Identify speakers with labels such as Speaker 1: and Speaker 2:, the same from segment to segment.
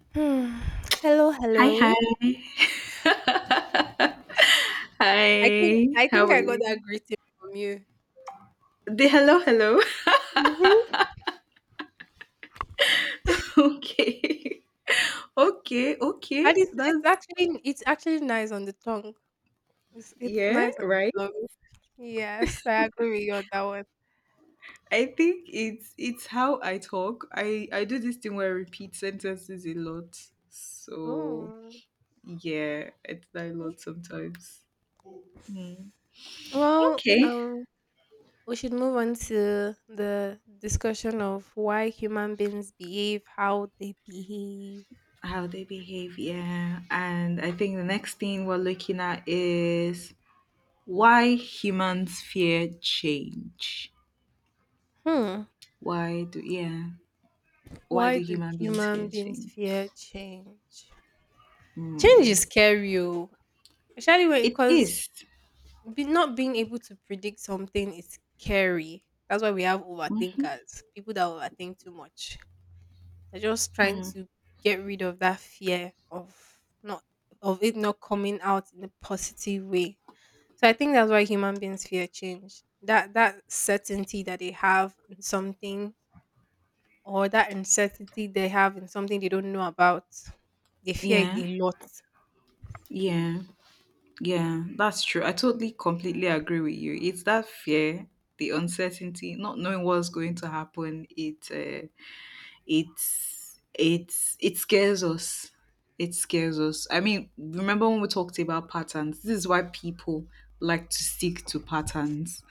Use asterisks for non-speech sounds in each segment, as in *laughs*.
Speaker 1: *sighs* Hmm. Hello,
Speaker 2: Hi, hi.
Speaker 1: hello.
Speaker 2: *laughs*
Speaker 1: I think
Speaker 2: Hi,
Speaker 1: I
Speaker 2: how
Speaker 1: think
Speaker 2: are
Speaker 1: I got
Speaker 2: you?
Speaker 1: that greeting from you.
Speaker 2: The hello, hello. *laughs*
Speaker 1: Mhm.
Speaker 2: Okay. *laughs* Okay, okay.
Speaker 1: And it's it's
Speaker 2: That's,
Speaker 1: actually it's actually nice on the tongue. It's
Speaker 2: yeah,
Speaker 1: nice on the
Speaker 2: right?
Speaker 1: tongue. Yes, I agree with you on that one.
Speaker 2: I think it's how I talk. I do this thing where I repeat sentences a lot. So,
Speaker 1: Mm.
Speaker 2: yeah, it's that a lot sometimes. Mm.
Speaker 1: Well,
Speaker 2: Okay.
Speaker 1: um, we should move on to the discussion of why human beings behave how they behave.
Speaker 2: How they behave, yeah. And I think the next thing we're looking at is why humans fear change.
Speaker 1: Hmm.
Speaker 2: Why do, yeah? Why
Speaker 1: Why
Speaker 2: do
Speaker 1: do
Speaker 2: human beings
Speaker 1: human
Speaker 2: fear
Speaker 1: beings
Speaker 2: change?
Speaker 1: fear change? Change is
Speaker 2: Hmm.
Speaker 1: scary, oh, especially when
Speaker 2: It
Speaker 1: because
Speaker 2: is.
Speaker 1: Be not being able to predict something is scary. That's why we have overthinkers, people that overthink too much. They're just trying
Speaker 2: Hmm.
Speaker 1: to get rid of that fear of not of it not coming out in a positive way. So I think that's why human beings fear change. That certainty that they have in something, or that uncertainty they have in something they don't know about. They fear it
Speaker 2: Yeah,
Speaker 1: a lot.
Speaker 2: yeah, yeah. That's true. I totally, completely agree with you. It's that fear, the uncertainty, not knowing what's going to happen. It scares us, I mean, remember when we talked about patterns, this is why people like to stick to patterns,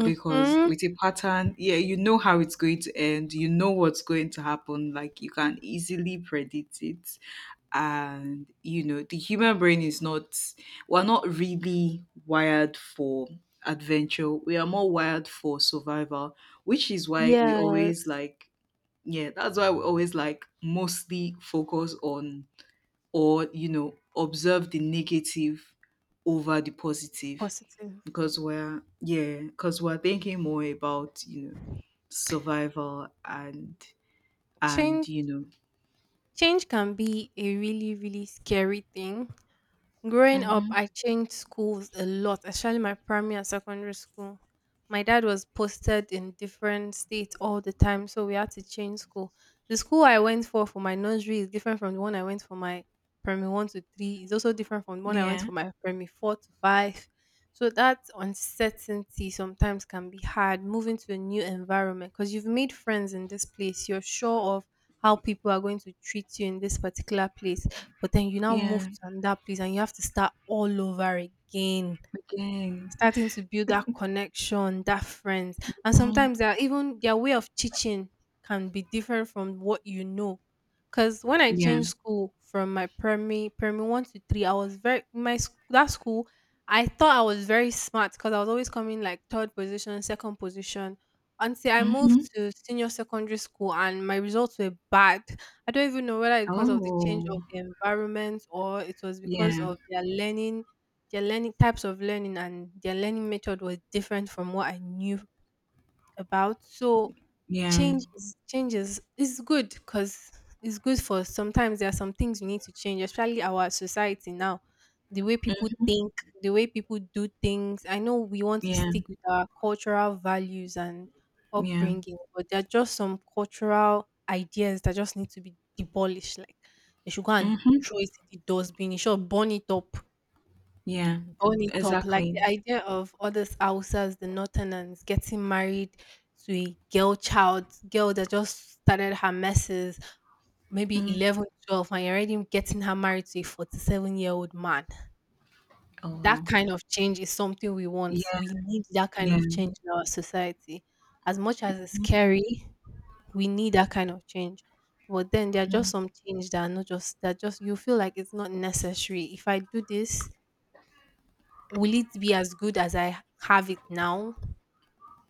Speaker 2: because with a pattern, yeah, you know how it's going to end, you know what's going to happen. Like, you can easily predict it. And you know, the human brain is not, we're not really wired for adventure, we are more wired for survival, which is why we always
Speaker 1: Yes.
Speaker 2: like, yeah, that's why we always like mostly focus on, or, you know, observe the negative over the positive,
Speaker 1: Positive.
Speaker 2: because we're, yeah, because we're thinking more about, you know, survival and,
Speaker 1: Change
Speaker 2: you know.
Speaker 1: Change can be a really, really scary thing. Growing up,
Speaker 2: Mm-hmm.
Speaker 1: I changed schools a lot, especially my primary and secondary school. My dad was posted in different states all the time, so we had to change school. The school I went for my nursery is different from the one I went for my primary one to three. It's also different from the one I went
Speaker 2: Yeah,
Speaker 1: for my primary four to five. So that uncertainty sometimes can be hard moving to a new environment because you've made friends in this place. You're sure of how people are going to treat you in this particular place, but then you now move
Speaker 2: yeah,
Speaker 1: to another place and you have to start all over again,
Speaker 2: again,
Speaker 1: starting to build that connection, that friends. And
Speaker 2: hmm,
Speaker 1: sometimes they are even their way of teaching can be different from what you know. Cause when I
Speaker 2: yeah.
Speaker 1: changed school from my primary one to three, I was very that school. I thought I was very smart because I was always coming like third position, second position. Until I moved
Speaker 2: Mm-hmm.
Speaker 1: to senior secondary school and my results were bad. I don't even know whether it's because of the change
Speaker 2: Oh,
Speaker 1: of the environment or it was because
Speaker 2: yeah,
Speaker 1: of their learning, types of learning and their learning method was different from what I knew about. So
Speaker 2: yeah,
Speaker 1: changes is good because it's good for sometimes there are some things we need to change, especially our society now. The way people
Speaker 2: mm,
Speaker 1: think, the way people do things. I know we want to
Speaker 2: yeah,
Speaker 1: stick with our cultural values and
Speaker 2: yeah.
Speaker 1: upbringing, but there are just some cultural ideas that just need to be demolished. Like they should go and
Speaker 2: Mm-hmm.
Speaker 1: throw it in the dustbin, you should burn it up
Speaker 2: Yeah,
Speaker 1: burn it up. Like
Speaker 2: exactly.
Speaker 1: the idea of others Hausas, the northerners, getting married to a girl child, girl that just started her messes, maybe
Speaker 2: Mm.
Speaker 1: 11, 12, and you're already getting her married to a 47-year-old man.
Speaker 2: Oh,
Speaker 1: That
Speaker 2: wow.
Speaker 1: kind of change is something we want.
Speaker 2: Yeah,
Speaker 1: We need that kind
Speaker 2: yeah.
Speaker 1: of change in our society. As much as it's scary, we need that kind of change. But then there are just
Speaker 2: Mm.
Speaker 1: some change that are not just that just you feel like it's not necessary. If I do this, will it be as good as I have it now?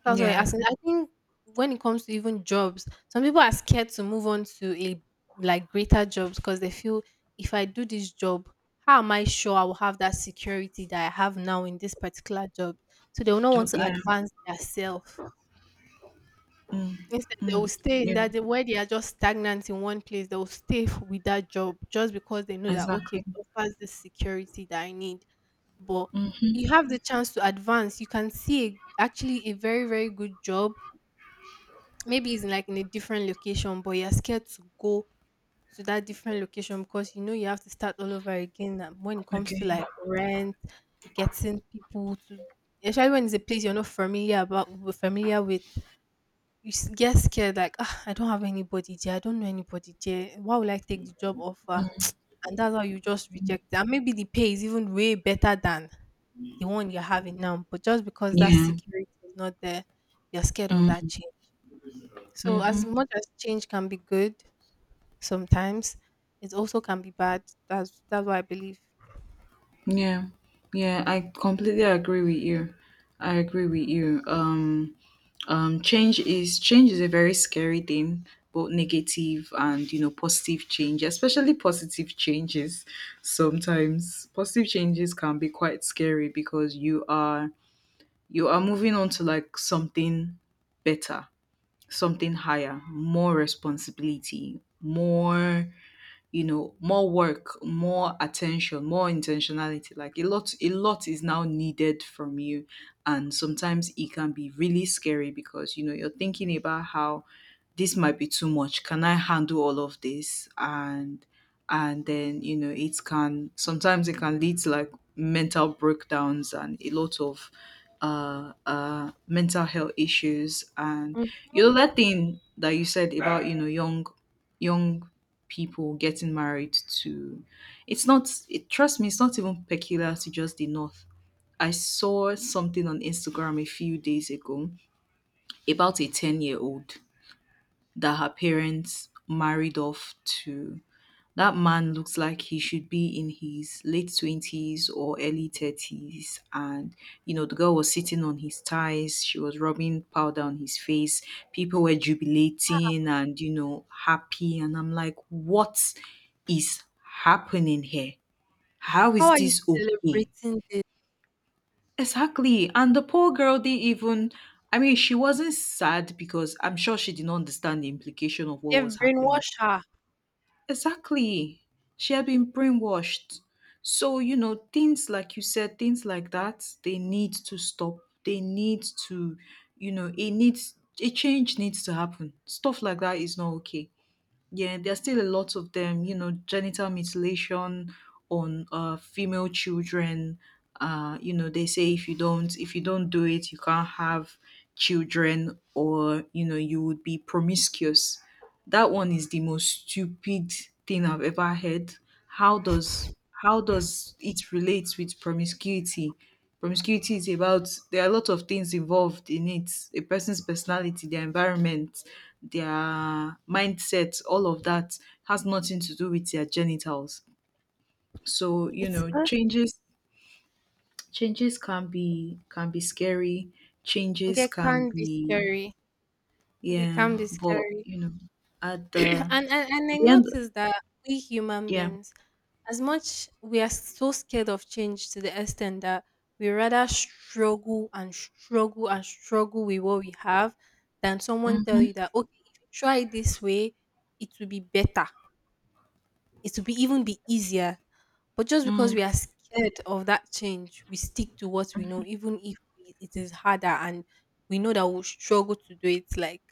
Speaker 1: That's why I
Speaker 2: Yeah.
Speaker 1: asked. I think when it comes to even jobs, some people are scared to move on to a like greater jobs because they feel, if I do this job, how am I sure I will have that security that I have now in this particular job? So they will not want
Speaker 2: Job.
Speaker 1: to
Speaker 2: Yeah.
Speaker 1: advance their self.
Speaker 2: Mm.
Speaker 1: Instead, they will
Speaker 2: Mm.
Speaker 1: stay in
Speaker 2: Yeah.
Speaker 1: that they where they are just stagnant in one place, they will stay with that job just because they know that okay,
Speaker 2: Exactly.
Speaker 1: it offers the security that I need. But
Speaker 2: Mm-hmm.
Speaker 1: you have the chance to advance. You can see actually a very, very good job. Maybe it's like in a different location, but you're scared to go to that different location because you know you have to start all over again when it comes to
Speaker 2: Okay.
Speaker 1: like rent, getting people to, especially when it's a place you're not familiar with, you get scared like ah, I don't have anybody there. I don't know anybody there. Why would I take the job offer? *tsk* And that's how you just reject it. And maybe the pay is even way better than the one you're having now. But just because that
Speaker 2: Yeah.
Speaker 1: security is not there, you're scared of that
Speaker 2: Mm.
Speaker 1: change. So as
Speaker 2: Mm-hmm.
Speaker 1: much as change can be good sometimes, it also can be bad. That's what I believe.
Speaker 2: Yeah. Yeah. I completely agree with you. I agree with you. Change is a very scary thing, both negative and, you know, positive change, especially positive changes. Sometimes positive changes can be quite scary because you are moving on to like something better, something higher, more responsibility, more, you know, more work, more attention, more intentionality. Like, a lot is now needed from you, and sometimes it can be really scary because, you know, you're thinking about how this might be too much. Can I handle all of this? And then, you know, it can sometimes it can lead to like mental breakdowns and a lot of mental health issues. And
Speaker 1: Mm.
Speaker 2: you know that thing that you said about, you know, young people getting married to, it's not, it, trust me, it's not even peculiar to just the north. I saw something on Instagram a few days ago about a 10-year-old year old that her parents married off to. That man looks like he should be in his late 20s or early 30s. And, you know, the girl was sitting on his thighs. She was rubbing powder on his face. People were jubilating and, you know, happy. And I'm like, what is happening here? How
Speaker 1: How
Speaker 2: is
Speaker 1: are you
Speaker 2: this okay?
Speaker 1: celebrating this?
Speaker 2: Exactly. And the poor girl didn't even, I mean, she wasn't sad because I'm sure she did not understand the implication of what
Speaker 1: They've
Speaker 2: was happening.
Speaker 1: brainwashed her.
Speaker 2: Exactly. She had been brainwashed. So, you know, things like you said, things like that, they need to stop. They need to, you know, it needs, a change needs to happen. Stuff like that is not okay. Yeah, there's still a lot of them, you know, genital mutilation on female children. You know, they say if you don't, do it, you can't have children or, you know, you would be promiscuous. That one is the most stupid thing I've ever heard. How does how does it relate with promiscuity? Promiscuity is about, there are a lot of things involved in it. A person's personality, their environment, their mindset, all of that has nothing to do with their genitals. So, you
Speaker 1: It's
Speaker 2: know, changes can be scary. Changes
Speaker 1: They
Speaker 2: can
Speaker 1: can be
Speaker 2: be,
Speaker 1: scary. They can
Speaker 2: yeah,
Speaker 1: be
Speaker 2: but
Speaker 1: scary.
Speaker 2: you know, at
Speaker 1: *laughs* *clears throat*
Speaker 2: the
Speaker 1: And I
Speaker 2: the end,
Speaker 1: noticed that we human
Speaker 2: yeah.
Speaker 1: beings, as much we are so scared of change to the extent that we rather struggle with what we have, than someone tell
Speaker 2: Mhm,
Speaker 1: you that okay, if you try it this way, it will be better. It will be even be easier. But just because
Speaker 2: mm.
Speaker 1: we are scared of that change, we stick to what we know, even if it is harder and we know that we'll struggle to do it like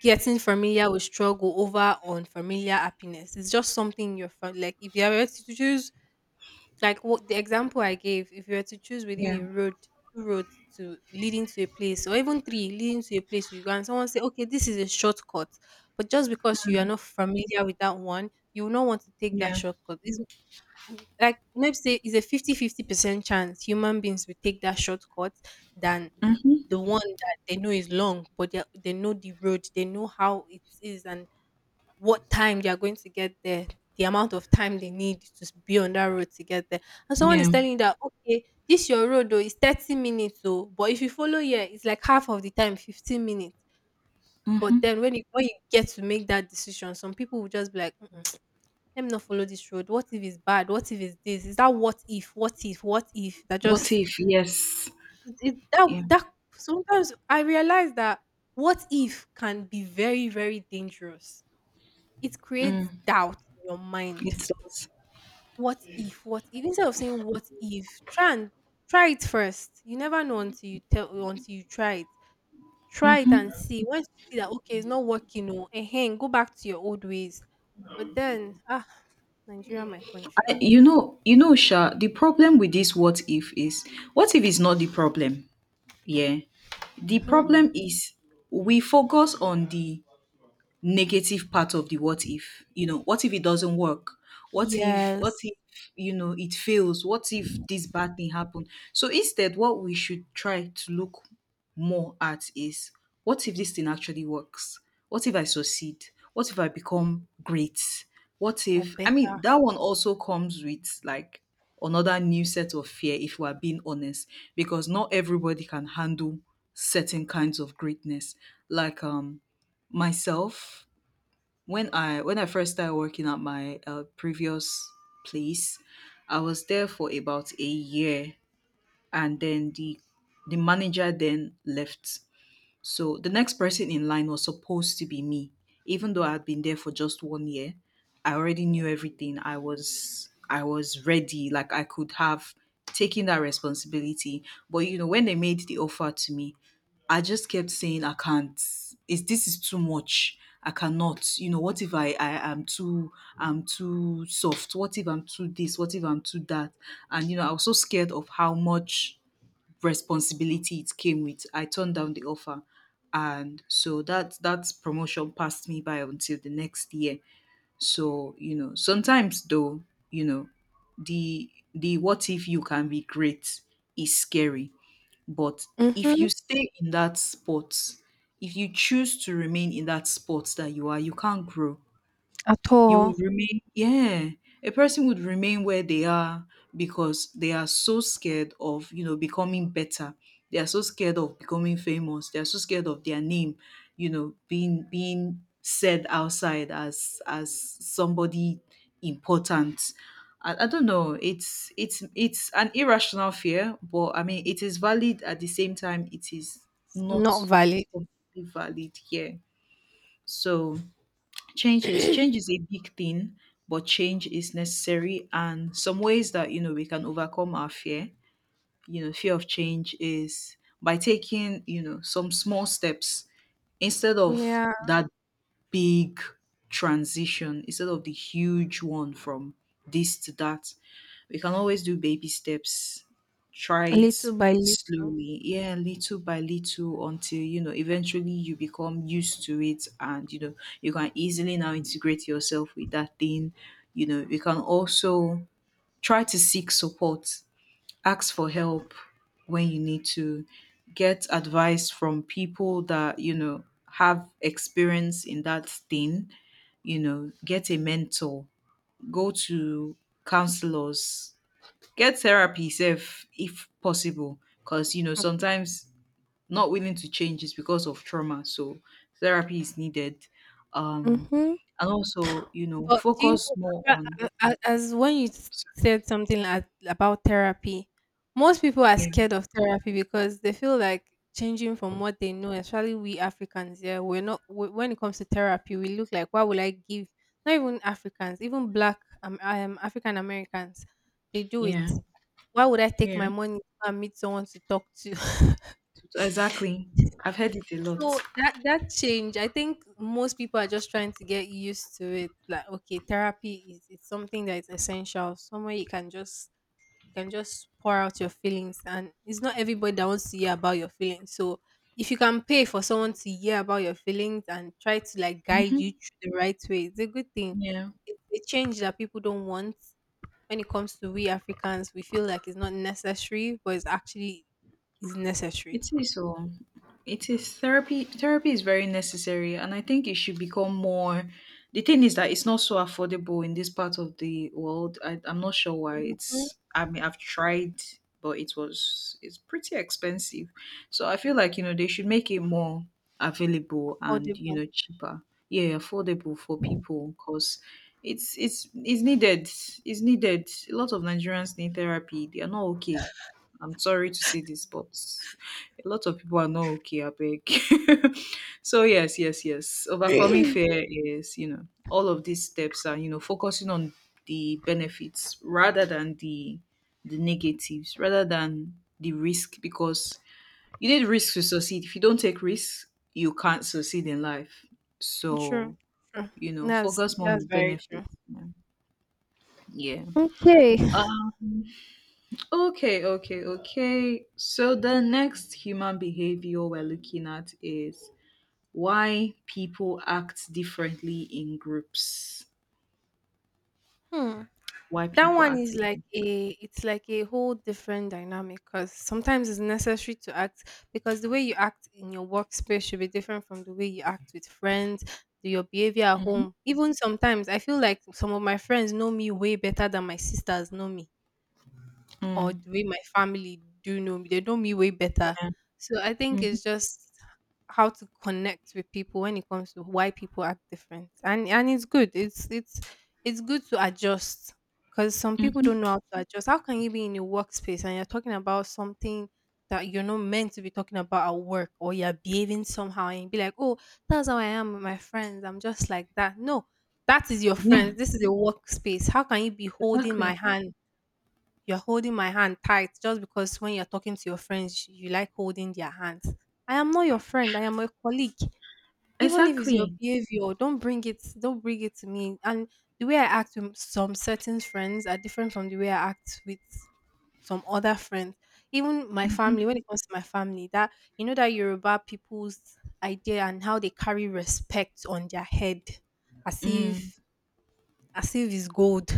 Speaker 1: getting familiar with struggle over unfamiliar happiness. It's just something you're like if you were to choose like what the example I gave, if you were to choose within
Speaker 2: Yeah,
Speaker 1: a road, two roads to leading to a place, or even three leading to a place you go, and someone say, okay, this is a shortcut, but just because you are not familiar with that one, you will not want to take that
Speaker 2: yeah.
Speaker 1: shortcut. It's like let's say it's a 50-50 percent chance human beings will take that shortcut than
Speaker 2: Mhm,
Speaker 1: the one that they know is long, but they know the road, they know how it is and what time they are going to get there, the amount of time they need to be on that road to get there. And someone is
Speaker 2: yeah.
Speaker 1: telling you that, okay, this your road though, is 30 minutes though, but if you follow here, it's like half of the time, 15 minutes.
Speaker 2: Mhm.
Speaker 1: But then when you get to make that decision, some people will just be like, "Mm-mm, let me not follow this road. What if it's bad? What if it's this? Is that What if? What if? What if? That
Speaker 2: What
Speaker 1: just
Speaker 2: if? Yes.
Speaker 1: it it that
Speaker 2: Yeah.
Speaker 1: that sometimes I realize that what if can be very, very dangerous. It creates
Speaker 2: Mm,
Speaker 1: doubt in your mind.
Speaker 2: it does.
Speaker 1: What if? What if? Instead of saying what if, try it first. You never know until you try it. Try it and
Speaker 2: Mhm.
Speaker 1: see. Once you see that okay, it's not working, oh, eh, go back to your old ways. But then, ah, Nigeria, my country.
Speaker 2: I, you know, Sha, the problem with this what if is, what if is not the problem. Yeah. The
Speaker 1: Hmm.
Speaker 2: problem is, we focus on the negative part of the what if. You know, what if it doesn't work, what if what
Speaker 1: Yes,
Speaker 2: if you know, it fails, what if this bad thing happened. So instead what we should try to look more at is, what if this thing actually works, what if I succeed, what if I become great, what
Speaker 1: or
Speaker 2: if, I mean,
Speaker 1: better.
Speaker 2: that one also comes with like another new set of fear, if we are being honest, because not everybody can handle certain kinds of greatness. Like, myself, when I first started working at my previous place, I was there for about a year, and then the manager then left. So the next person in line was supposed to be me. Even though I had been there for just one year, I already knew everything. I was ready. Like, I could have taken that responsibility. But you know, when they made the offer to me, I just kept saying, I can't. Is this, is too much. I cannot. You know, what if I'm too soft? What if I'm too this? What if I'm too that? And you know, I was so scared of how much responsibility it came with, I turned down the offer. And so that promotion passed me by until the next year. So, you know, sometimes though, you know, the what if you can be great is scary. But if
Speaker 1: Mm-hmm.
Speaker 2: you stay in that spot, if you choose to remain in that spot that you are, you can't grow,
Speaker 1: At
Speaker 2: you will
Speaker 1: all,
Speaker 2: remain, yeah, a person would remain where they are, because they are so scared of, you know, becoming better, they are so scared of becoming famous, they are so scared of their name, you know, being said outside as somebody important. I don't know, it's an irrational fear, but I mean, it is valid, at the same time it is not
Speaker 1: not valid.
Speaker 2: completely valid here. So changes change
Speaker 1: *clears throat*
Speaker 2: is a big thing, but change is necessary, and some ways that, you know, we can overcome our fear, you know, fear of change, is by taking, you know, some small steps instead of
Speaker 1: Yeah.
Speaker 2: that big transition, instead of the huge one from this to that. We can always do baby steps, try it
Speaker 1: Little by little.
Speaker 2: slowly, yeah, little by little, until you know eventually you become used to it and you know you can easily now integrate yourself with that thing. You know, you can also try to seek support, ask for help when you need to, get advice from people that, you know, have experience in that thing, you know, get a mentor, go to counselors, get therapy if possible, because you know sometimes not willing to change is because of trauma, so therapy is needed. um
Speaker 1: Mm-hmm.
Speaker 2: and also, you know,
Speaker 1: But do you
Speaker 2: focus
Speaker 1: know,
Speaker 2: more on,
Speaker 1: a- as when you said something about therapy, most people are
Speaker 2: yeah,
Speaker 1: scared of therapy because they feel like changing from what they know, especially we Africans. Yeah, we're not, w when it comes to therapy, we look like, why would I give? Not even Africans, even black African Americans, they do it.
Speaker 2: yeah,
Speaker 1: Why would I take
Speaker 2: yeah,
Speaker 1: my money and meet someone to talk to? *laughs*
Speaker 2: exactly. I've heard it a lot.
Speaker 1: So that change, I think most people are just trying to get used to it. Like, okay, therapy is it's something that is essential. Somewhere you can just pour out your feelings, and it's not everybody that wants to hear about your feelings. So if you can pay for someone to hear about your feelings and try to like guide you
Speaker 2: Mhm.
Speaker 1: through the right way, it's a good thing.
Speaker 2: Yeah.
Speaker 1: It's a change that people don't want. When it comes to we Africans, we feel like it's not necessary, but it's actually is necessary.
Speaker 2: It is so. It is therapy. Therapy is very necessary, and I think it should become more. The thing is that it's not so affordable in this part of the world. I'm not sure why.
Speaker 1: Mhm.
Speaker 2: It's, I mean, I've tried, but it was, it's pretty expensive. So I feel like, you know, they should make it more available and, you
Speaker 1: Affordable.
Speaker 2: know, cheaper. Yeah, affordable for people because it's needed. It's needed. A lot of Nigerians need therapy. They are not okay. I'm sorry to say this, but a lot of people are not okay, I beg. *laughs* So, yes, yes, yes. Overcoming fear is, you know, all of these steps are, you know, focusing on the benefits rather than the negatives, rather than the risk, because you need risk to succeed. If you don't take risks, you can't succeed in life.
Speaker 1: True,
Speaker 2: So,
Speaker 1: true.
Speaker 2: you know,
Speaker 1: That's
Speaker 2: focus more on
Speaker 1: that's
Speaker 2: the
Speaker 1: very true.
Speaker 2: benefits. Yeah. Yeah.
Speaker 1: Okay.
Speaker 2: Uh, Okay, okay, okay. So the next human behavior we're looking at is why people act differently in groups.
Speaker 1: Hmm.
Speaker 2: Why
Speaker 1: That
Speaker 2: people
Speaker 1: one
Speaker 2: act.
Speaker 1: is like a it's like a whole different dynamic because sometimes it's necessary to act because the way you act in your workspace should be different from the way you act with friends, your behavior at
Speaker 2: Mhm.
Speaker 1: home. Even sometimes I feel like some of my friends know me way better than my sisters know me, or
Speaker 2: Mm.
Speaker 1: the way my family do know me. They know me way better.
Speaker 2: Yeah.
Speaker 1: So I think
Speaker 2: Mhm.
Speaker 1: it's just how to connect with people when it comes to why people act different. And it's good. It's good to adjust because some people
Speaker 2: Mhm.
Speaker 1: don't know how to adjust. How can you be in your workspace and you're talking about something that you're not meant to be talking about at work, or you're behaving somehow and be like, "Oh, that's how I am with my friends. I'm just like that." No, that is your
Speaker 2: Yeah.
Speaker 1: friends. This is a workspace. How can you be holding my
Speaker 2: Exactly.
Speaker 1: hand? You're holding my hand tight just because when you're talking to your friends, you like holding their hands. I am not your friend. I am a colleague. Even if it's your
Speaker 2: Exactly.
Speaker 1: behavior, don't bring it. Don't bring it to me. And the way I act with some certain friends are different from the way I act with some other friends. Even my family,
Speaker 2: Mhm.
Speaker 1: when it comes to my family, that you know that Yoruba people's idea and how they carry respect on their head, as
Speaker 2: Mm.
Speaker 1: if as if it's gold.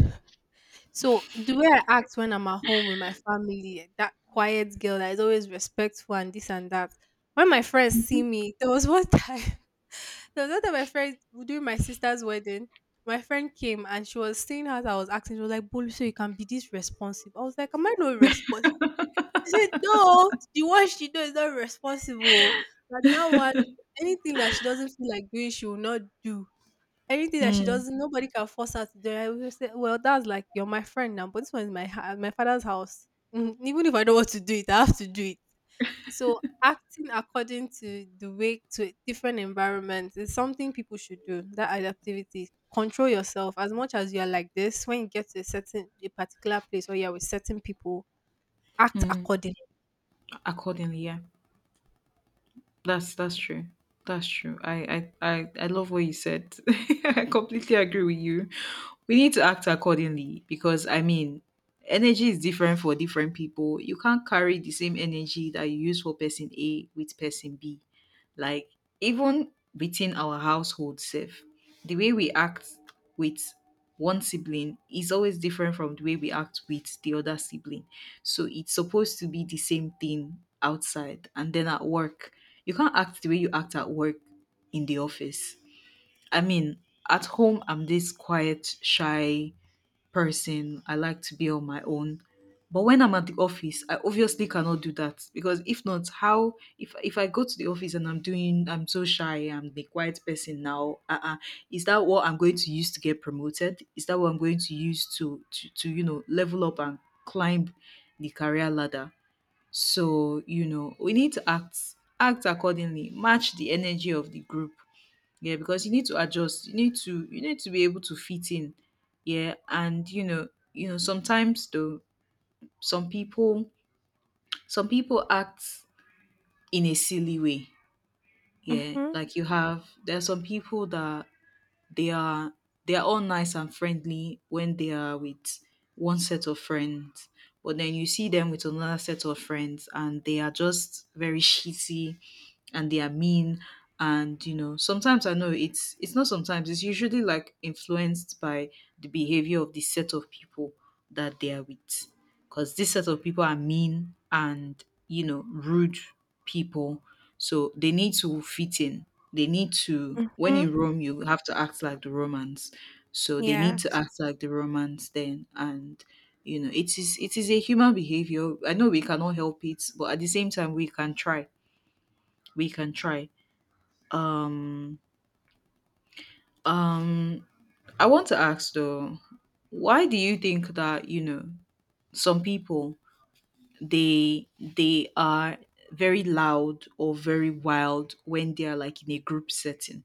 Speaker 1: So the way I act when I'm at home with my family, that quiet girl that is always respectful and this and that. When my friends see me, *laughs* there was one time, *laughs* there was one time my friend during my sister's wedding, my friend came and she was seeing how I was acting. She was like, "Bolu, so you can be this responsive." I was like, "Am I not responsible?" She said, "No, the one she do is not responsible. But that one, anything that she doesn't feel like doing, she will not do. Anything that she
Speaker 2: Mm.
Speaker 1: doesn't nobody can force her to do." I will say, "Well, that's like you're my friend now, but this one is my my father's house. Mm, even if I don't want to do it, I have to do it." So acting according to the way to a different environments is something people should do. That adaptivity, control yourself. As much as you are like this, when you get to a particular place or you're with certain people, act
Speaker 2: Mm.
Speaker 1: accordingly.
Speaker 2: Accordingly, yeah. That's true. That's true. I love what you said. *laughs* I completely agree with you. We need to act accordingly, because I mean, energy is different for different people. You can't carry the same energy that you use for person A with person B. Like, even within our household self, the way we act with one sibling is always different from the way we act with the other sibling. So it's supposed to be the same thing outside, and then at work, you can't act the way you act at work in the office. I mean, at home, I'm this quiet, shy person. I like to be on my own. But when I'm at the office, I obviously cannot do that because if not, how if I go to the office and I'm so shy, I'm the quiet person now. Uh-uh, is that what I'm going to use to get promoted? Is that what I'm going to use to level up and climb the career ladder? So, we need to act accordingly, match the energy of the group. Yeah, because you need to adjust. You need to be able to fit in. Yeah, and sometimes though some people some people act in a silly way. Yeah,
Speaker 1: Mm-hmm.
Speaker 2: like you have there are some people that They are they are all nice and friendly when they are with one set of friends, but then you see them with another set of friends and they are just very shitty and they are mean, and sometimes I know it's not sometimes, it's usually like influenced by the behavior of the set of people that they are with, because this set of people are mean and rude people, so they need to fit in. When in Rome, you have to act like the Romans. So they
Speaker 1: Yeah.
Speaker 2: need to act like the Romans then. And it is a human behavior. I know we cannot help it, but at the same time we can try. We can try. Um um I want to ask though, why do you think that, some people they are very loud or very wild when they are like in a group setting.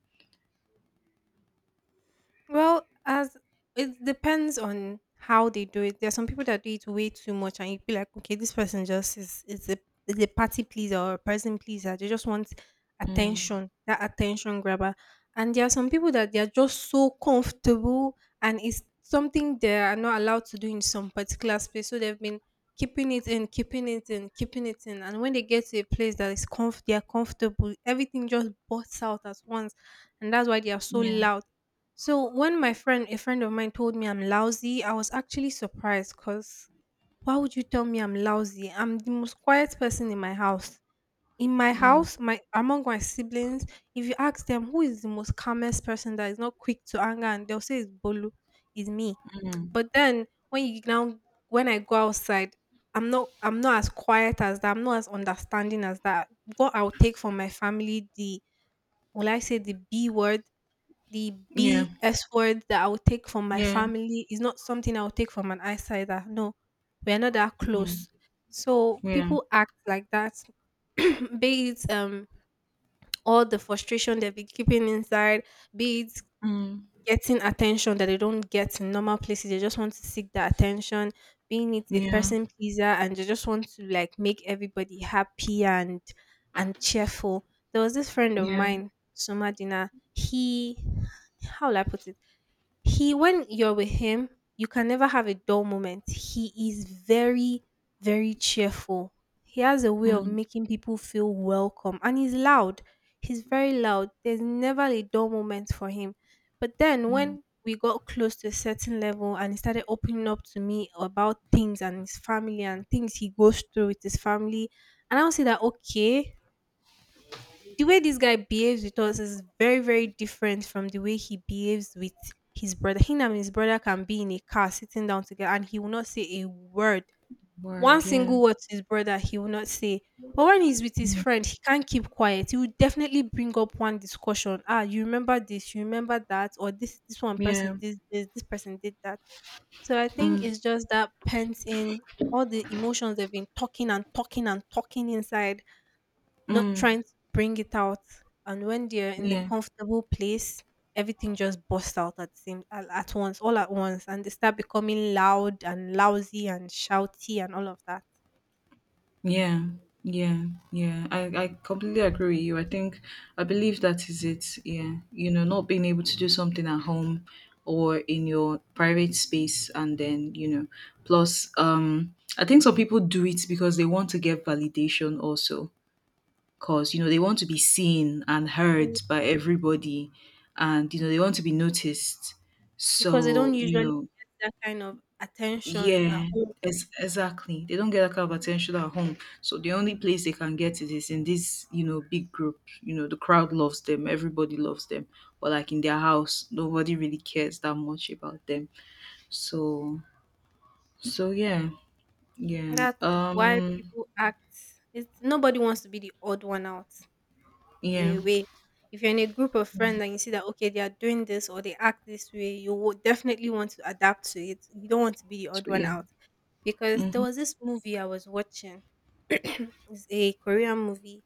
Speaker 1: As it depends on how they do it. There are some people that do it way too much, and you feel like, okay, this person just is a party pleaser or a person pleaser. They just want
Speaker 2: Mm,
Speaker 1: attention, that attention grabber. And there are some people that they are just so comfortable, and it's something they are not allowed to do in some particular space. So they've been keeping it in, keeping it in, keeping it in. And when they get to a place that is they are comfortable. Everything just bursts out at once, and that's why they are so
Speaker 2: yeah.
Speaker 1: loud. So when my friend, a friend of mine, told me I'm lousy, I was actually surprised because why would you tell me I'm lousy? I'm the most quiet person in my house. In my
Speaker 2: Mm,
Speaker 1: house, my among my siblings, if you ask them who is the most calmest person that is not quick to anger, and they'll say it's Bolu, it's me.
Speaker 2: mm.
Speaker 1: But then when you now when I go outside, I'm not as quiet as that. I'm not as understanding as that. What I'll take from my family, the will I say the B word, the
Speaker 2: Yeah.
Speaker 1: B S word, that I would take from my
Speaker 2: Yeah,
Speaker 1: family is not something I would take from an outsider. No, we are not that
Speaker 2: mhm,
Speaker 1: close. So
Speaker 2: yeah,
Speaker 1: people act like that, *clears throat* be it all the frustration they've been keeping inside, be it
Speaker 2: mm,
Speaker 1: getting attention that they don't get in normal places. They just want to seek that attention, being it a
Speaker 2: yeah,
Speaker 1: person pleaser, and they just want to like make everybody happy and cheerful. There was this friend of
Speaker 2: yeah,
Speaker 1: mine, Somadina. He, how will I put it? He when you're with him, you can never have a dull moment. He is very, very cheerful. He has a way of
Speaker 2: mm,
Speaker 1: making people feel welcome and he's loud. He's very loud. There's never a dull moment for him. But then
Speaker 2: mm,
Speaker 1: when we got close to a certain level and he started opening up to me about things and his family and things he goes through with his family, and I'll say that, okay, the way this guy behaves with us is very very different from the way he behaves with his brother. Him and his brother can be in a car sitting down together and he will not say a word, one
Speaker 2: word,
Speaker 1: single word to his brother, he will not say. But when he's with his
Speaker 2: mm,
Speaker 1: friend, he can't keep quiet. He will definitely bring up one discussion, "Ah, you remember this? You remember that? Or this one person,
Speaker 2: yeah,
Speaker 1: this person did that." So I think
Speaker 2: mm,
Speaker 1: it's just that pent in, all the emotions they've been talking and talking and talking inside, not
Speaker 2: mm,
Speaker 1: trying to bring it out. And when they're in a
Speaker 2: yeah,
Speaker 1: comfortable place, everything just busts out at at once, all at once, and they start becoming loud and lousy and shouty and all of that.
Speaker 2: yeah, yeah, yeah. I completely agree with you. I believe that is it. Yeah, you know, not being able to do something at home or in your private space, and then, plus, I think some people do it because they want to get validation also because they want to be seen and
Speaker 1: Yeah.
Speaker 2: heard by everybody, and they want to be noticed,
Speaker 1: Because they don't
Speaker 2: so
Speaker 1: usually get that kind of attention at
Speaker 2: yeah.
Speaker 1: home.
Speaker 2: Exactly, they don't get that kind of attention at home, so the only place they can get it is in this, big group. The crowd loves them, everybody loves them, but like in their house nobody really cares that much about them. So so yeah. Yeah.
Speaker 1: That is why people act. It's nobody wants to be the odd one out in
Speaker 2: Yeah.
Speaker 1: a way. If you're in a group of friends and you see that, okay, they are doing this or they act this way, you would definitely want to adapt to it. You don't want to be the odd
Speaker 2: So,
Speaker 1: one
Speaker 2: yeah.
Speaker 1: out. Because there
Speaker 2: Hmm,
Speaker 1: was this movie I was watching. *clears throat* It's a Korean movie.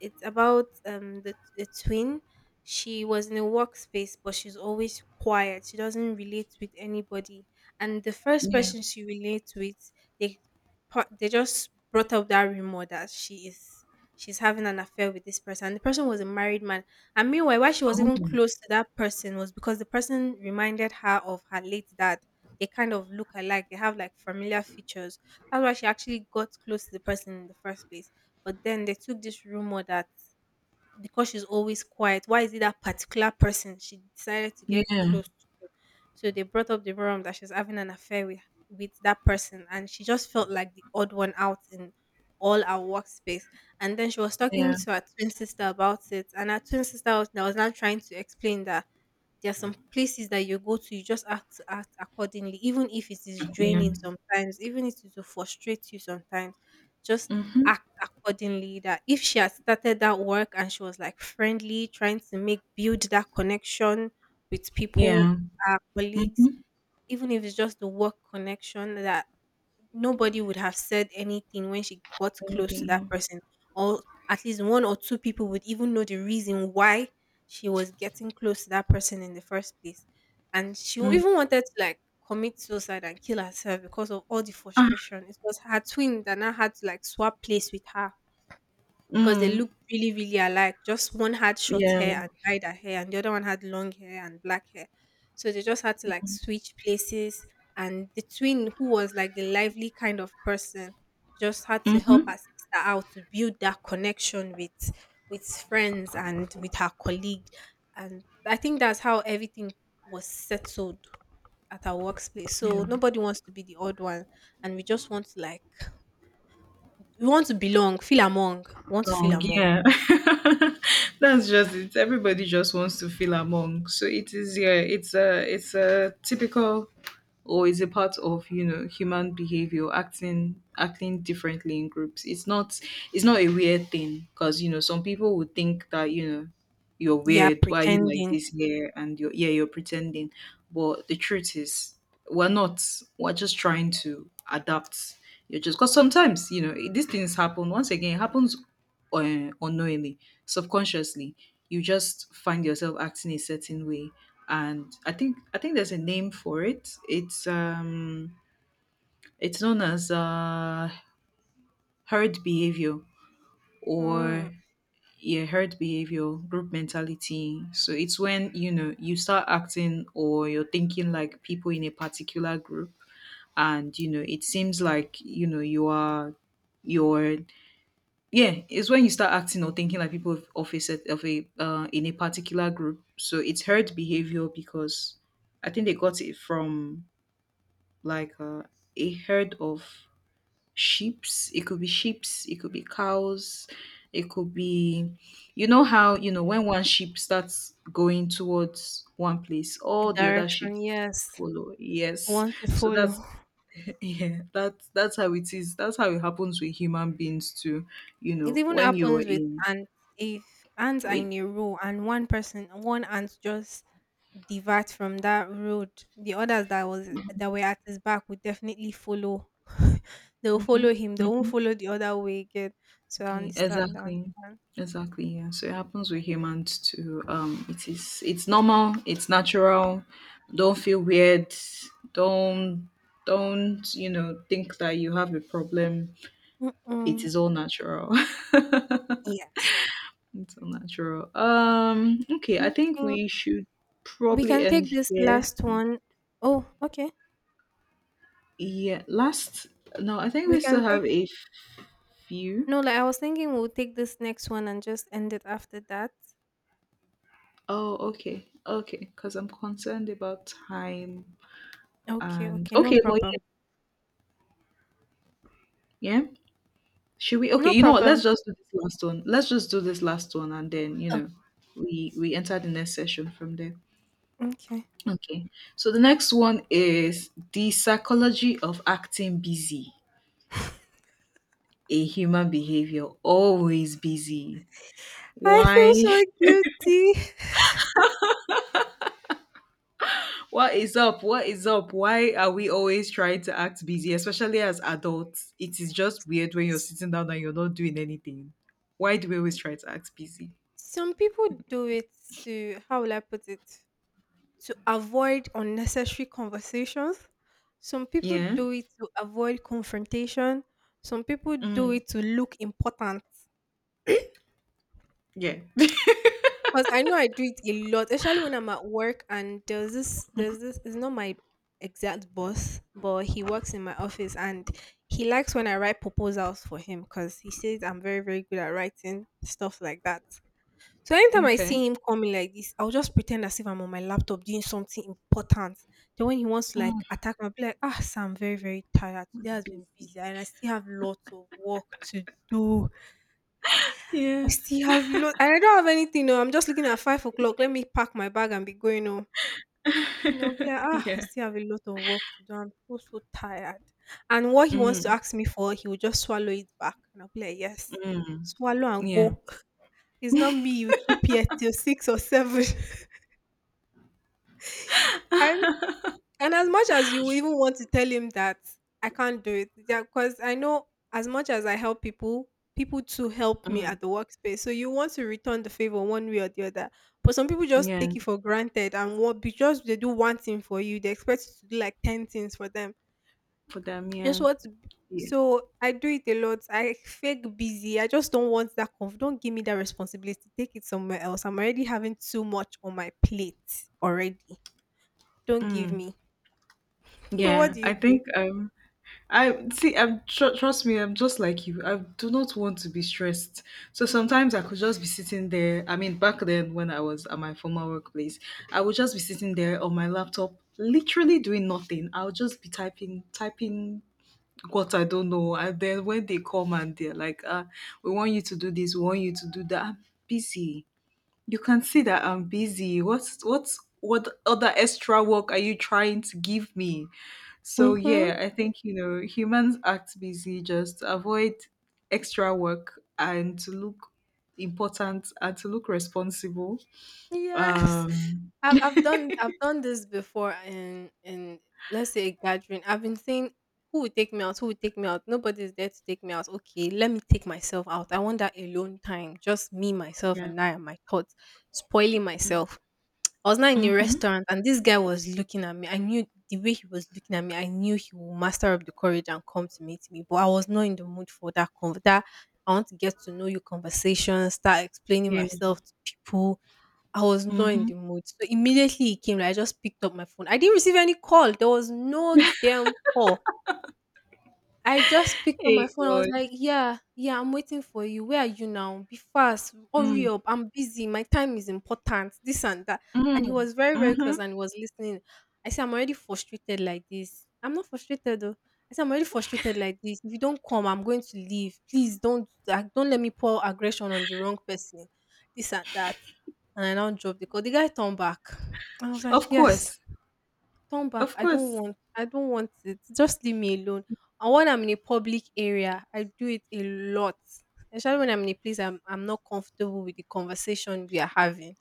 Speaker 1: It's about the twin. She was in a workspace, but she's always quiet. She doesn't relate with anybody. And the first
Speaker 2: yeah.
Speaker 1: person she relates with, they they just brought up that rumor that she's having an affair with this person. And the person was a married man. And meanwhile, why she was even
Speaker 2: Oh,
Speaker 1: close to that person was because the person reminded her of her late dad. They kind of look alike. They have like familiar features. That's why she actually got close to the person in the first place. But then they took this rumor that because she's always quiet, why is it that particular person she decided to get
Speaker 2: yeah.
Speaker 1: close to? So they brought up the rumor that she's having an affair with that person, and she just felt like the odd one out in all our workspace. And then she was talking
Speaker 2: Yeah.
Speaker 1: to her twin sister about it, and her twin sister was, that was now trying to explain that there are some places that you go to, you just have to act accordingly. Even if it is
Speaker 2: Yeah.
Speaker 1: draining sometimes, even if it will frustrate you sometimes, just
Speaker 2: Mhm.
Speaker 1: act accordingly. That if she had started that work and she was like friendly, trying to make build that connection with people,
Speaker 2: Yeah.
Speaker 1: her colleagues,
Speaker 2: Mhm.
Speaker 1: even if it's just the work connection, that nobody would have said anything when she got close to
Speaker 2: Anything,
Speaker 1: that
Speaker 2: yeah.
Speaker 1: person, or at least one or two people would even know the reason why she was getting close to that person in the first place. And she
Speaker 2: Mm.
Speaker 1: even wanted to like commit suicide and kill herself because of all the
Speaker 2: Ah,
Speaker 1: frustration. It was her twin that now had to like swap place with her because they
Speaker 2: mm.
Speaker 1: looked really, really alike. Just one had short
Speaker 2: Yeah.
Speaker 1: hair and dyed her hair, and the other one had long hair and black hair. So they just had to like switch places. And the twin, who was like the lively kind of person, just had to help
Speaker 2: Mhm.
Speaker 1: her sister out to build that connection with friends and with her colleague. And I think that's how everything was settled at our workplace. So
Speaker 2: Yeah.
Speaker 1: nobody wants to be the odd one, and we just want to like we want to belong, feel among, we want to feel
Speaker 2: Long,
Speaker 1: among.
Speaker 2: yeah. *laughs* That's just it. Everybody just wants to feel among. So it is, yeah, it's a typical or is a part of, human behavior, acting differently in groups. It's not a weird thing because, some people would think that, you're
Speaker 1: Yeah,
Speaker 2: weird, why are you like
Speaker 1: pretending.
Speaker 2: this here and you're, yeah, you're pretending. But the truth is, we're not. We're just trying to adapt. You're just because sometimes these things happen. Once again, it happens, or, unknowingly, subconsciously, you just find yourself acting a certain way. And I think there's a name for it. It's known as herd behavior,
Speaker 1: Mm,
Speaker 2: or, yeah, herd behavior, group mentality. So it's when you start acting or you're thinking like people in a particular group, and it seems like you are you're yeah, it's when you start acting or thinking like people of a set of a in a particular group. So it's herd behavior because I think they got it from like uh, a herd of sheeps. It could be sheeps, it could be cows, it could be you know how when one sheep starts going towards one place,
Speaker 1: the
Speaker 2: all the other sheep
Speaker 1: direction, yes.
Speaker 2: follow.
Speaker 1: I
Speaker 2: Yes,
Speaker 1: want to
Speaker 2: so
Speaker 1: follow.
Speaker 2: that's *laughs* yeah, that's how it is. That's how it happens with human beings too. You
Speaker 1: It
Speaker 2: know,
Speaker 1: even
Speaker 2: when you're
Speaker 1: happens with
Speaker 2: in
Speaker 1: ants. If ants are
Speaker 2: with
Speaker 1: in a row and one person, one ant just divert from that road, the others that were at his back would definitely follow. *laughs* They will
Speaker 2: Mm-hmm.
Speaker 1: follow him. They won't
Speaker 2: Hmm,
Speaker 1: follow the other way again. So I understand. I
Speaker 2: exactly.
Speaker 1: understand.
Speaker 2: Exactly. Yeah. So it happens with humans too. It's normal, it's natural. Don't feel weird. Don't don't think that you have a problem. It
Speaker 1: Mm-mm.
Speaker 2: is all natural. *laughs* It's
Speaker 1: Yes.
Speaker 2: all natural. Okay, I think
Speaker 1: Okay.
Speaker 2: we should
Speaker 1: We
Speaker 2: probably
Speaker 1: can
Speaker 2: end
Speaker 1: take this
Speaker 2: here.
Speaker 1: last one. Oh, okay.
Speaker 2: Yeah, last no, I think
Speaker 1: We
Speaker 2: we
Speaker 1: can
Speaker 2: still
Speaker 1: take.
Speaker 2: have a few.
Speaker 1: No, like I was thinking, we'll take this next one and just end it after that.
Speaker 2: Oh, okay. Okay, because 'cause I'm concerned about time,
Speaker 1: Okay.
Speaker 2: and,
Speaker 1: Okay. No
Speaker 2: okay, but
Speaker 1: problem.
Speaker 2: yeah, yeah. Should we? Okay,
Speaker 1: No
Speaker 2: you know what?
Speaker 1: problem.
Speaker 2: Let's just do this last one. Let's just do this last one, and then, we enter the next session from there.
Speaker 1: Okay.
Speaker 2: Okay. So the next one is the psychology of acting busy. A human behavior: always busy.
Speaker 1: I
Speaker 2: Why?
Speaker 1: feel so guilty.
Speaker 2: What is up? What is up? Why are we always trying to act busy, especially as adults? It is just weird when you're sitting down and you're not doing anything. Why do we always try to act busy?
Speaker 1: Some people do it to, how will I put it, to avoid unnecessary conversations. Some people
Speaker 2: Yeah.
Speaker 1: do it to avoid confrontation. Some people do
Speaker 2: Mm,
Speaker 1: it to look important.
Speaker 2: yeah. *laughs*
Speaker 1: Because I know I do it a lot, especially when I'm at work and it's not my exact boss, but he works in my office and he likes when I write proposals for him because he says I'm very, very good at writing stuff like that. So anytime I
Speaker 2: Okay.
Speaker 1: see him coming like this, I'll just pretend as if I'm on my laptop doing something important. Then when he wants to like
Speaker 2: Mm,
Speaker 1: attack me, I'll be like, "Ah, sir, I'm very, very tired." Today has been
Speaker 2: busy.
Speaker 1: busy and I still have lots of work to do. I
Speaker 2: Yeah.
Speaker 1: still have lot and I don't have anything. No, I'm just looking at 5 o'clock. Let me pack my bag and be going home. I'll be like,
Speaker 2: *laughs*
Speaker 1: I
Speaker 2: yeah.
Speaker 1: still have a lot of work to do. I'm so, so tired. And what he wants to
Speaker 2: Mm,
Speaker 1: ask me for, he will just swallow it back. And I'll be like, yes,
Speaker 2: mm,
Speaker 1: swallow and
Speaker 2: yeah.
Speaker 1: go. *laughs* It's not me you keep here till 6 or 7. *laughs* And and as much as you even want to tell him that I can't do it, because I know as much as I help people, people too help me
Speaker 2: Mm,
Speaker 1: at the workspace. So you want to return the favor one way or the other. But some people just
Speaker 2: yeah.
Speaker 1: take it for granted and what because they do one thing for you, they expect you to do like 10 things for them.
Speaker 2: For them,
Speaker 1: Just
Speaker 2: yeah.
Speaker 1: what
Speaker 2: Yeah.
Speaker 1: so I do it a lot. I fake busy. I just don't want that. Conf don't give me that responsibility. Take it somewhere else. I'm already having too much on my plate already. Don't give
Speaker 2: Mm,
Speaker 1: me. *laughs* But what
Speaker 2: yeah.
Speaker 1: do you think?
Speaker 2: I see. I'm trust me. I'm just like you. I do not want to be stressed. So sometimes I could just be sitting there. I mean, back then when I was at my former workplace, I would just be sitting there on my laptop, literally doing nothing. I'll just be typing, typing what I don't know. And then when they come and they're like, "Ah, we want you to do this. We want you to do that." I'm busy. You can see that I'm busy. What other extra work are you trying to give me? So,
Speaker 1: Mhm.
Speaker 2: yeah, I think humans act busy just avoid extra work and to look important and to look responsible.
Speaker 1: Yes.
Speaker 2: Um
Speaker 1: I've done this before in, let's say, a gathering. I've been saying, who will take me out? Who will take me out? Nobody's there to take me out. Okay, let me take myself out. I want that alone time. Just me, myself,
Speaker 2: yeah.
Speaker 1: and I and my thoughts. Spoiling myself. I was not in a
Speaker 2: Mm-hmm.
Speaker 1: restaurant and this guy was looking at me. I knew the way he was looking at me, I knew he would muster up the courage and come to meet me. But I was not in the mood for that "I want to get to know you" conversation, start explaining
Speaker 2: Yeah.
Speaker 1: myself to people. I was not in
Speaker 2: Mm-hmm.
Speaker 1: the mood. So immediately he came, like, I just picked up my phone. I didn't receive any call. There was no damn call. I just picked up my
Speaker 2: Hey
Speaker 1: phone. I was
Speaker 2: God.
Speaker 1: like, "Yeah, yeah, I'm waiting for you. Where are you now? Be fast. Hurry
Speaker 2: Mm.
Speaker 1: up. I'm busy. My time is important. This and that." And he
Speaker 2: Mm.
Speaker 1: was very, very
Speaker 2: Mm-hmm.
Speaker 1: close and he was listening. I said, "I'm already frustrated like this." I'm not frustrated though. I said, "I'm already frustrated like this. If you don't come, I'm going to leave. Please don't let me pour aggression on the wrong person. This and that." And I now dropped the call. The guy turned back. I was like,
Speaker 2: Of
Speaker 1: "Yes."
Speaker 2: course.
Speaker 1: Turn back.
Speaker 2: Of
Speaker 1: I don't
Speaker 2: course.
Speaker 1: want I don't want it. Just leave me alone. And when I'm in a public area, I do it a lot. Especially when I'm in a place I'm not comfortable with the conversation we are having.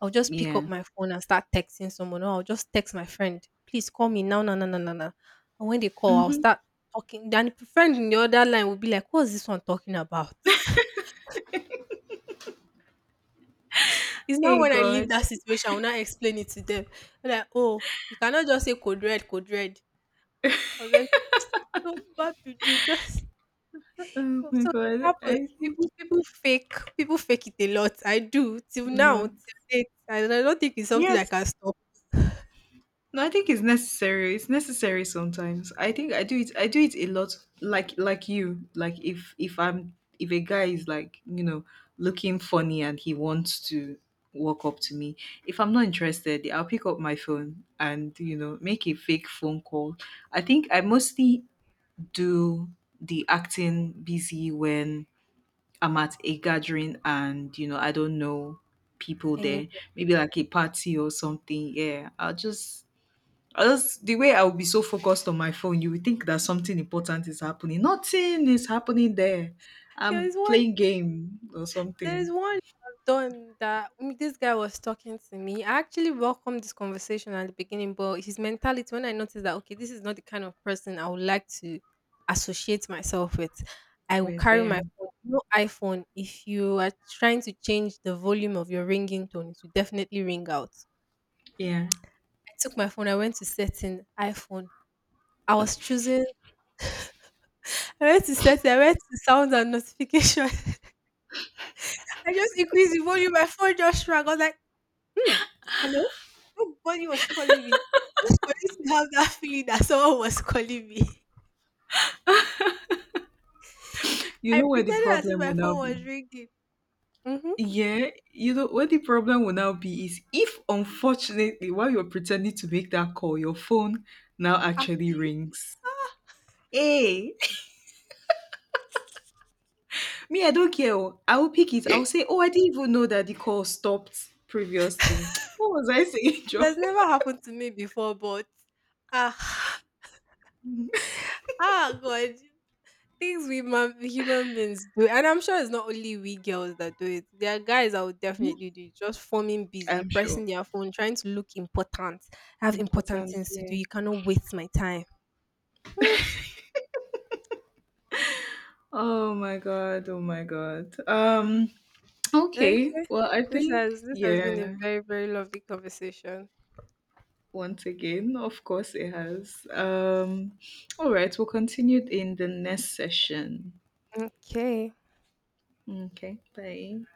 Speaker 1: I'll just pick
Speaker 2: Yeah.
Speaker 1: up my phone and start texting someone, or I'll just text my friend, please call me now, no, no, no, no, no. And when they call, I'll
Speaker 2: Mm-hmm.
Speaker 1: start talking. Then the friend in the other line will be like, "What's this one talking about?" *laughs* It's not
Speaker 2: Hey
Speaker 1: when I leave
Speaker 2: God.
Speaker 1: that situation, I will not explain it to them. They're like, oh, you cannot just say code red, code red. I was like, *tsk* "Don't bad people just—" *laughs* so
Speaker 2: Oh my
Speaker 1: so it
Speaker 2: God.
Speaker 1: happens.
Speaker 2: I think
Speaker 1: People people fake people fake it a lot. I do till
Speaker 2: you
Speaker 1: now,
Speaker 2: know.
Speaker 1: till date, and I don't think it's something I
Speaker 2: Yes.
Speaker 1: can stop.
Speaker 2: No, I think it's necessary. It's necessary sometimes. I think I do it. I do it a lot. Like you. Like if a guy is like looking funny and he wants to walk up to me. If I'm not interested, I'll pick up my phone and make a fake phone call. I think I mostly do the acting busy when I'm at a gathering and I don't know people
Speaker 1: Any
Speaker 2: there. Maybe like a party or something. Yeah, I'll just I just the way I will be so focused on my phone, you will think that something important is happening. Nothing is happening there.
Speaker 1: there
Speaker 2: I'm
Speaker 1: is one
Speaker 2: playing game or something
Speaker 1: There's one I've done that. This guy was talking to me. I actually welcomed this conversation at the beginning, but his mentality, when I noticed that, okay, this is not the kind of person I would like to associate myself with, I will
Speaker 2: with
Speaker 1: carry my
Speaker 2: them.
Speaker 1: phone. iPhone, if you are trying to change the volume of your ringing tone, it will definitely ring out.
Speaker 2: Yeah.
Speaker 1: I took my phone, I went to setting iPhone. I was choosing, I went to setting, I went to sounds and notification. *laughs* I just increased the volume, my phone just rang. I was like, "Hmm. Hello?" Nobody was calling me. I was supposed to have that *laughs* feeling that someone was calling me. *laughs*
Speaker 2: You
Speaker 1: I
Speaker 2: know where the
Speaker 1: pretended as if
Speaker 2: problem
Speaker 1: my
Speaker 2: will now
Speaker 1: phone
Speaker 2: be.
Speaker 1: was ringing. Mm-hmm.
Speaker 2: Yeah, you know what the problem will now be is if, unfortunately, while you're pretending to make that call, your phone now actually
Speaker 1: Actually,
Speaker 2: rings. Hey, *laughs* me, I don't care. Oh, I will pick
Speaker 1: *clears throat*
Speaker 2: it. I'll
Speaker 1: it
Speaker 2: say, "Oh, I didn't even know that the call stopped previously." *tsk* What was I saying, *laughs* Joe?
Speaker 1: has never happened to me before, but ah, *sighs* ah, God, things human beings do, and I'm sure it's not only we girls that do it. There are guys that would definitely do it, just forming busy,
Speaker 2: I'm sure.
Speaker 1: pressing their phone, trying to look important. I have important
Speaker 2: Important,
Speaker 1: things to do.
Speaker 2: yeah.
Speaker 1: You cannot waste my time. Hmm.
Speaker 2: Oh my god, oh my god.
Speaker 1: Okay.
Speaker 2: Okay, well, I
Speaker 1: This
Speaker 2: think,
Speaker 1: has this has been a
Speaker 2: yeah,
Speaker 1: very, very lovely conversation.
Speaker 2: once again, of course it has. All right, we'll continue in the next session.
Speaker 1: Okay.
Speaker 2: Okay, bye.